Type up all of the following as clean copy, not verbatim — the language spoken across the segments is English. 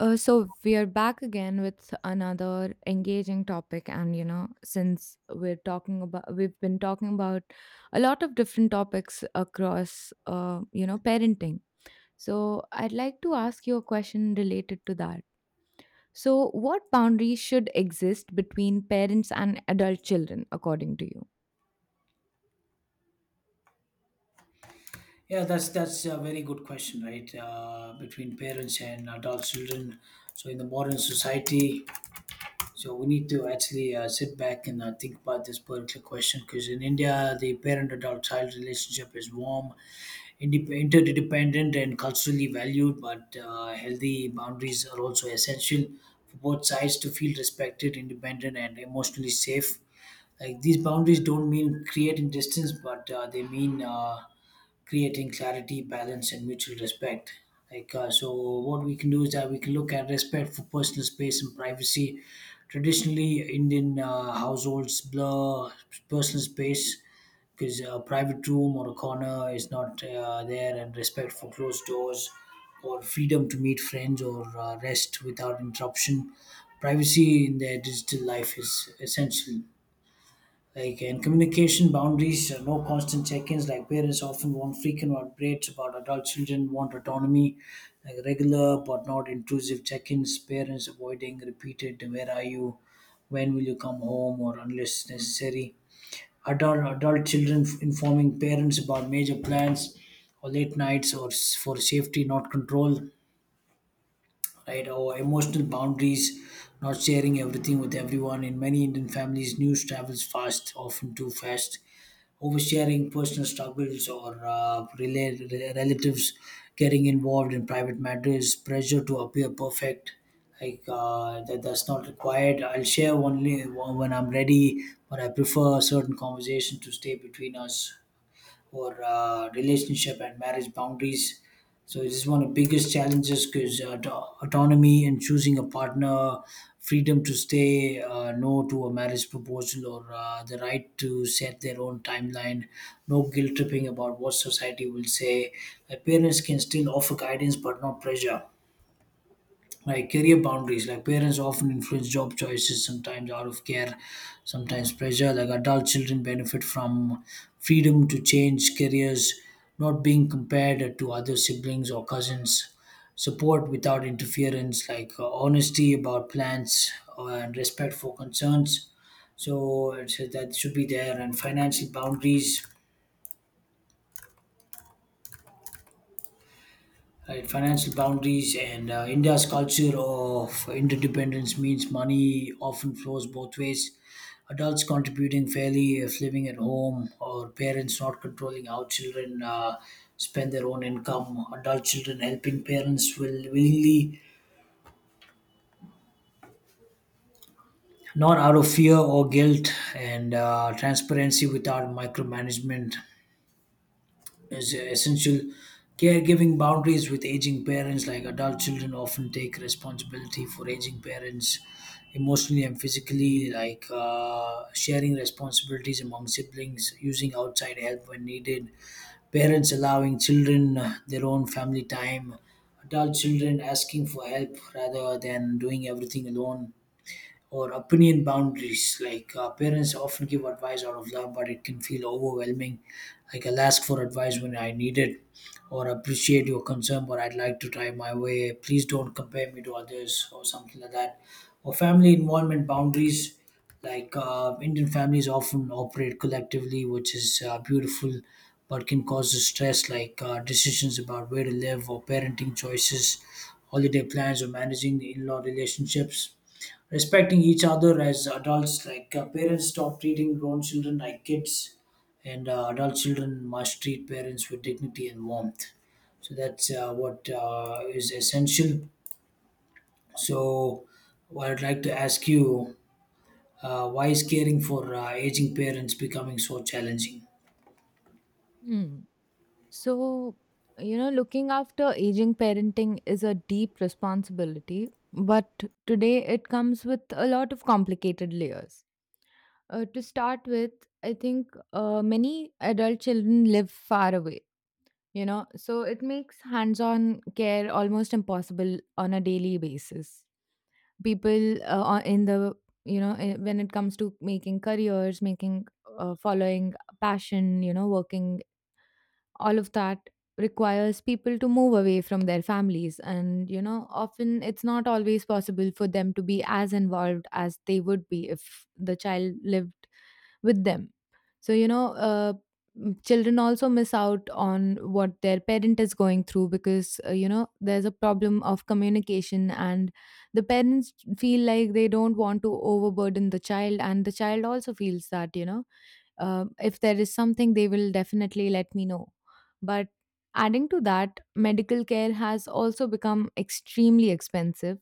So we are back again with another engaging topic, and you know, since we're talking about, we've been talking about a lot of different topics across, you know, parenting. So I'd like to ask you a question related to that. So, what boundaries should exist between parents and adult children, according to Yeah, that's a very good question, right? Between parents and adult children. In the modern society, so we need to actually sit back and think about this particular question because in India, the parent-adult child relationship is warm, interdependent, and culturally valued, but healthy boundaries are also essential for both sides to feel respected, independent, and emotionally safe. Like these boundaries don't mean creating distance, but they mean creating clarity, balance, and mutual respect. So, what we can do is that we can look at respect for personal space and privacy. Traditionally, Indian households blur personal space because a private room or a corner is not there, and respect for closed doors or freedom to meet friends or rest without interruption, privacy in their digital life is essential. And communication boundaries, no constant check-ins, like parents often want frequent updates about adult children, want autonomy, like regular but not intrusive check-ins, parents avoiding repeated where are you, when will you come home, or unless necessary. Adult children informing parents about major plans or late nights or for safety, not control, right? Or emotional boundaries, not sharing everything with everyone. In many Indian families, news travels fast, often too fast, oversharing personal struggles, or relatives getting involved in private matters, pressure to appear perfect. That's not required. I'll share only when I'm ready, but I prefer a certain conversation to stay between us. Or relationship and marriage boundaries. So it is one of the biggest challenges because autonomy and choosing a partner, freedom to stay no to a marriage proposal, or the right to set their own timeline, no guilt tripping about what society will say. Parents can still offer guidance, but not pressure. Like career boundaries, like parents often influence job choices, sometimes out of care, sometimes pressure. Like adult children benefit from freedom to change careers, not being compared to other siblings or cousins, support without interference, like honesty about plans, and respect for concerns. So that should be there. And financial boundaries. Right, financial boundaries. And India's culture of interdependence means money often flows both ways. Adults contributing fairly if living at home, or parents not controlling how children spend their own income. Adult children helping parents will willingly, not out of fear or guilt, and transparency without micromanagement is essential. Caregiving boundaries with aging parents, like adult children, often take responsibility for aging parents emotionally and physically, like sharing responsibilities among siblings, using outside help when needed, parents allowing children their own family time, adult children asking for help rather than doing everything alone. Or opinion boundaries. Parents often give advice out of love, but it can feel overwhelming. Like I'll ask for advice when I need it, or appreciate your concern, but I'd like to try my way. Please don't compare me to others, or something like that. Or family involvement boundaries. Indian families often operate collectively, which is beautiful, but can cause stress. Decisions about where to live, or parenting choices, holiday plans, or managing the in-law relationships, respecting each other as adults. Like parents stop treating grown children like kids, and adult children must treat parents with dignity and warmth. So that's what is essential. So what I'd like to ask you, why is caring for aging parents becoming so challenging? you? So, you know, looking after aging parenting is a deep responsibility, but today it comes with a lot of complicated layers. To start with, I think many adult children live far away, you know, so it makes hands on care almost impossible on a daily basis. People in the, you know, when it comes to making careers, making, following passion, you know, working all of that requires people to move away from their families, and you know, often it's not always possible for them to be as involved as they would be if the child lived with them. So you know, children also miss out on what their parent is going through, because you know, there's a problem of communication, and the parents feel like they don't want to overburden the child, and the child also feels that, you know, if there is something they will definitely let me know. But adding to that, medical care has also become extremely expensive,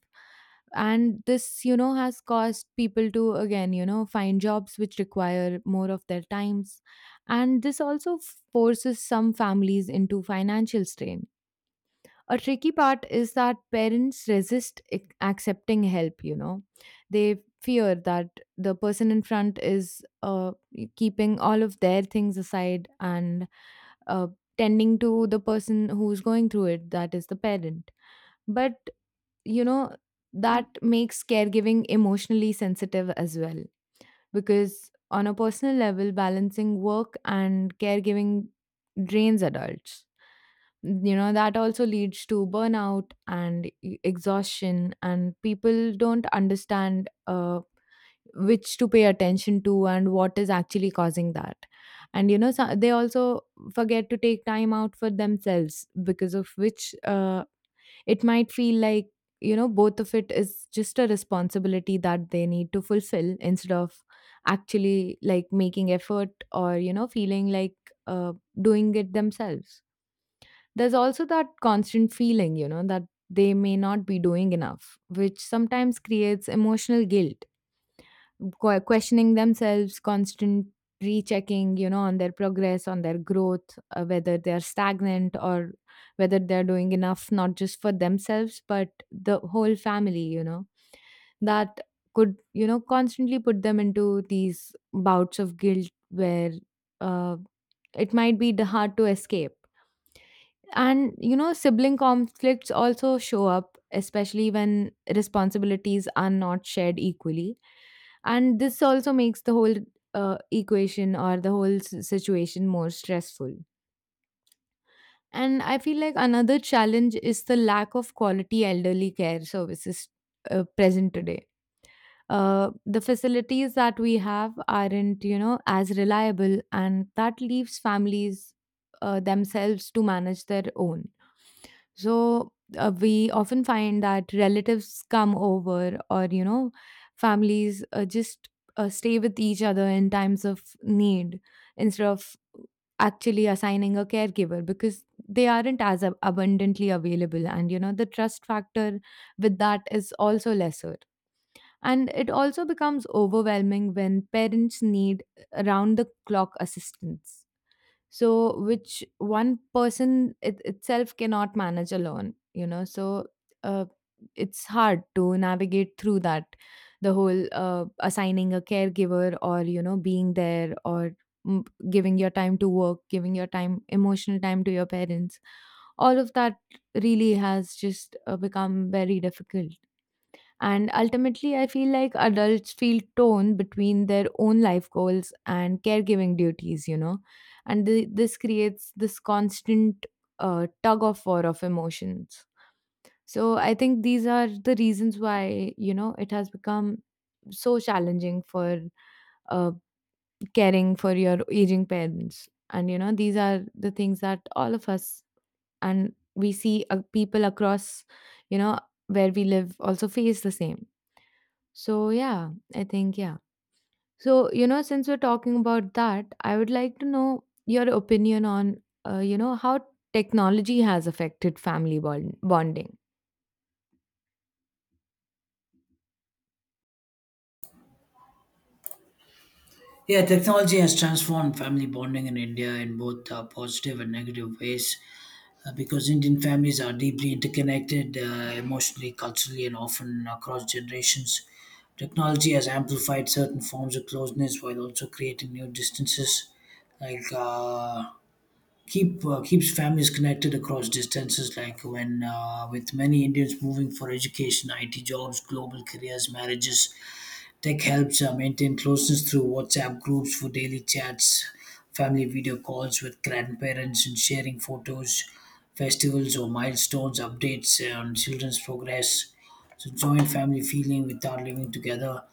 and this, you know, has caused people to again, you know, find jobs which require more of their times. And this also forces some families into financial strain. A tricky part is that parents resist accepting help, you know. They fear that the person in front is keeping all of their things aside and uh, tending to the person who's going through it, that is the parent. But you know, that makes caregiving emotionally sensitive as well, because on a personal level, balancing work and caregiving drains adults. You know, that also leads to burnout and exhaustion, and people don't understand which to pay attention to and what is actually causing that. And you know, so they also forget to take time out for themselves, because of which it might feel like, you know, both of it is just a responsibility that they need to fulfill, instead of actually like making effort, or you know, feeling like uh, doing it themselves. There's also that constant feeling, you know, that they may not be doing enough, which sometimes creates emotional guilt, questioning themselves, constant rechecking, you know, on their progress, on their growth, whether they're stagnant or whether they're doing enough, not just for themselves, but the whole family, you know, that could, you know, constantly put them into these bouts of guilt where uh, it might be hard to escape. And you know, sibling conflicts also show up, especially when responsibilities are not shared equally. And this also makes the whole equation, or the whole situation more stressful. And I feel like another challenge is the lack of quality elderly care services present today. The facilities that we have aren't, you know, as reliable, and that leaves families themselves to manage their own. So we often find that relatives come over, or you know, families just stay with each other in times of need, instead of actually assigning a caregiver, because they aren't as abundantly available, and you know, the trust factor with that is also lesser. And it also becomes overwhelming when parents need around the clock assistance, so which one person itself cannot manage alone, you know. So uh, it's hard to navigate through that, the whole assigning a caregiver, or you know, being there, or giving your time to work, giving your time, emotional time, to your parents. All of that really has just become very difficult. And ultimately, I feel like adults feel torn between their own life goals and caregiving duties, you know, and this creates this constant tug of war of emotions. So I think these are the reasons why, you know, it has become so challenging for uh, caring for your aging parents. And, you know, these are the things that all of us, and we see people across, you know, where we live also face the same. So, yeah, I think, yeah. So, you know, since we're talking about that, I would like to know your opinion on, you know, how technology has affected family bonding. Yeah, technology has transformed family bonding in India in both positive and negative ways, because Indian families are deeply interconnected emotionally, culturally, and often across generations. Technology has amplified certain forms of closeness while also creating new distances. Like uh, Keeps families connected across distances. Like when with many Indians moving for education, IT jobs, global careers, marriages, tech helps maintain closeness through WhatsApp groups for daily chats, family video calls with grandparents, and sharing photos, festivals or milestones, updates on children's progress. So, joint family feeling without living together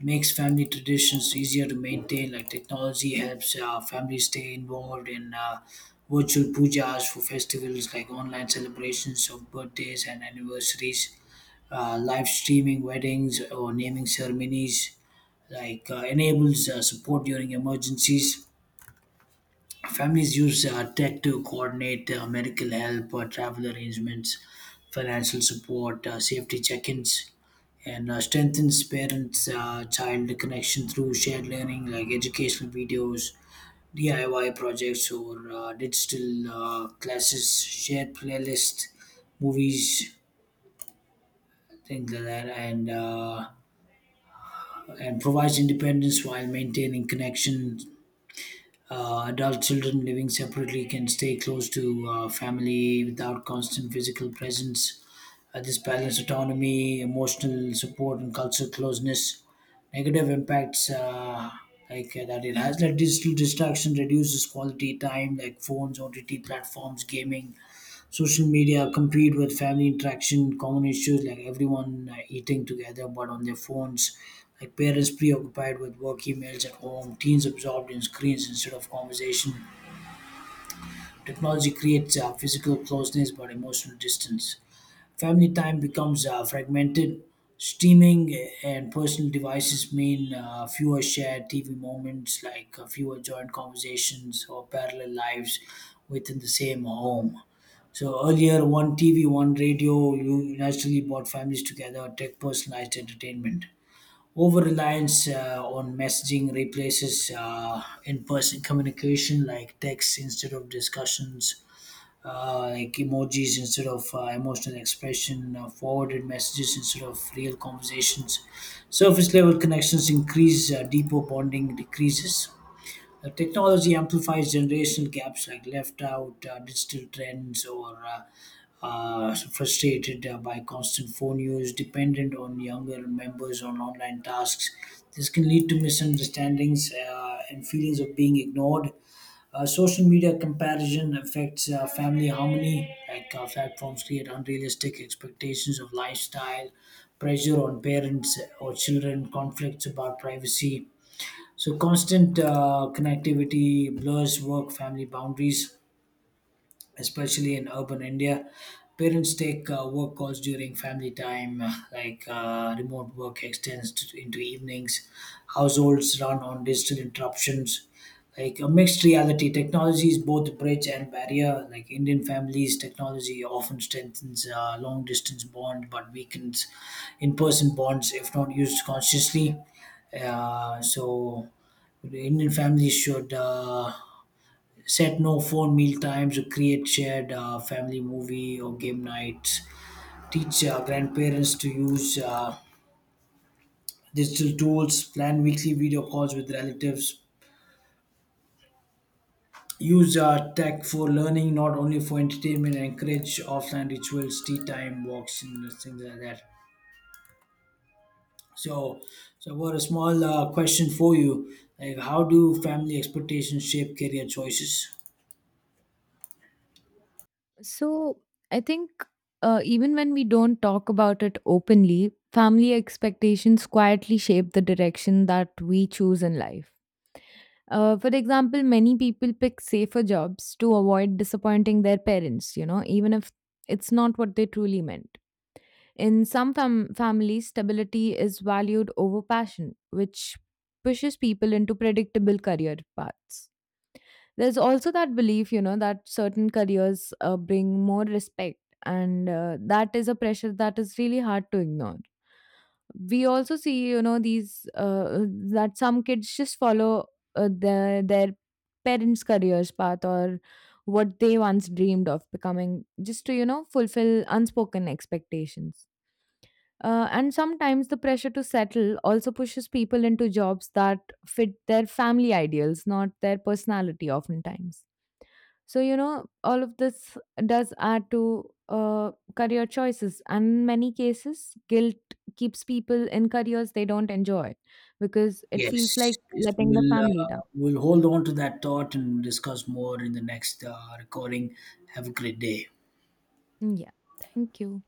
makes family traditions easier to maintain. Like technology helps families stay involved in virtual pujas for festivals, like online celebrations of birthdays and anniversaries, live streaming weddings or naming ceremonies. Enables support during emergencies. Families use tech to coordinate medical help, travel arrangements, financial support, safety check-ins. And strengthens parents child connection through shared learning, like educational videos, DIY projects, or digital classes, shared playlist, movies, things like that. And and provides independence while maintaining connection. Adult children living separately can stay close to family without constant physical presence. This balance autonomy, emotional support, and cultural closeness. Negative impacts that it has. Like digital distraction reduces quality time, like phones, OTT platforms, gaming, social media compete with family interaction, common issues like everyone eating together but on their phones, like parents preoccupied with work emails at home, teens absorbed in screens instead of conversation. Technology creates physical closeness but emotional distance. Family time becomes fragmented. Streaming and personal devices mean fewer shared TV moments, like fewer joint conversations or parallel lives within the same home. So earlier, one TV, one radio, you naturally brought families together, tech personalized entertainment. Over reliance on messaging replaces in person communication, like texts instead of discussions, like emojis instead of emotional expression, forwarded messages instead of real conversations. Surface level connections increase, deeper bonding decreases. Technology amplifies generation gaps, like left out, digital trends, or frustrated by constant phone use, dependent on younger members on online tasks. This can lead to misunderstandings and feelings of being ignored. Social media comparison affects family harmony. Platforms create unrealistic expectations of lifestyle, pressure on parents or children, conflicts about privacy. So constant connectivity blurs work family boundaries, especially in urban India. Parents take work calls during family time, remote work extends into evenings. Households run on digital interruptions. Like a mixed reality, technology is both a bridge and barrier. Like Indian families, technology often strengthens long distance bond, but weakens in person bonds if not used consciously. So, the Indian families should. Set no phone meal times, or create shared family movie or game nights, teach grandparents to use digital tools, plan weekly video calls with relatives, use tech for learning, not only for entertainment, and encourage offline rituals, tea time walks, and things like that. So so what a small question for you. Like how do family expectations shape career choices? So I think even when we don't talk about it openly, family expectations quietly shape the direction that we choose in life. For example, many people pick safer jobs to avoid disappointing their parents, you know, even if it's not what they truly meant. In some families, stability is valued over passion, which pushes people into predictable career paths. There's also that belief, you know, that certain careers bring more respect, and that is a pressure that is really hard to ignore. We also see, you know, these that some kids just follow their parents' careers path, or what they once dreamed of becoming, just to you know fulfill unspoken expectations. And sometimes the pressure to settle also pushes people into jobs that fit their family ideals, not their personality, oftentimes. So, you know, all of this does add to career choices. And in many cases, guilt keeps people in careers they don't enjoy because it feels Yes, like yes. letting the family down. We'll hold on to that thought and discuss more in the next recording. Have a great day. Yeah. Thank you.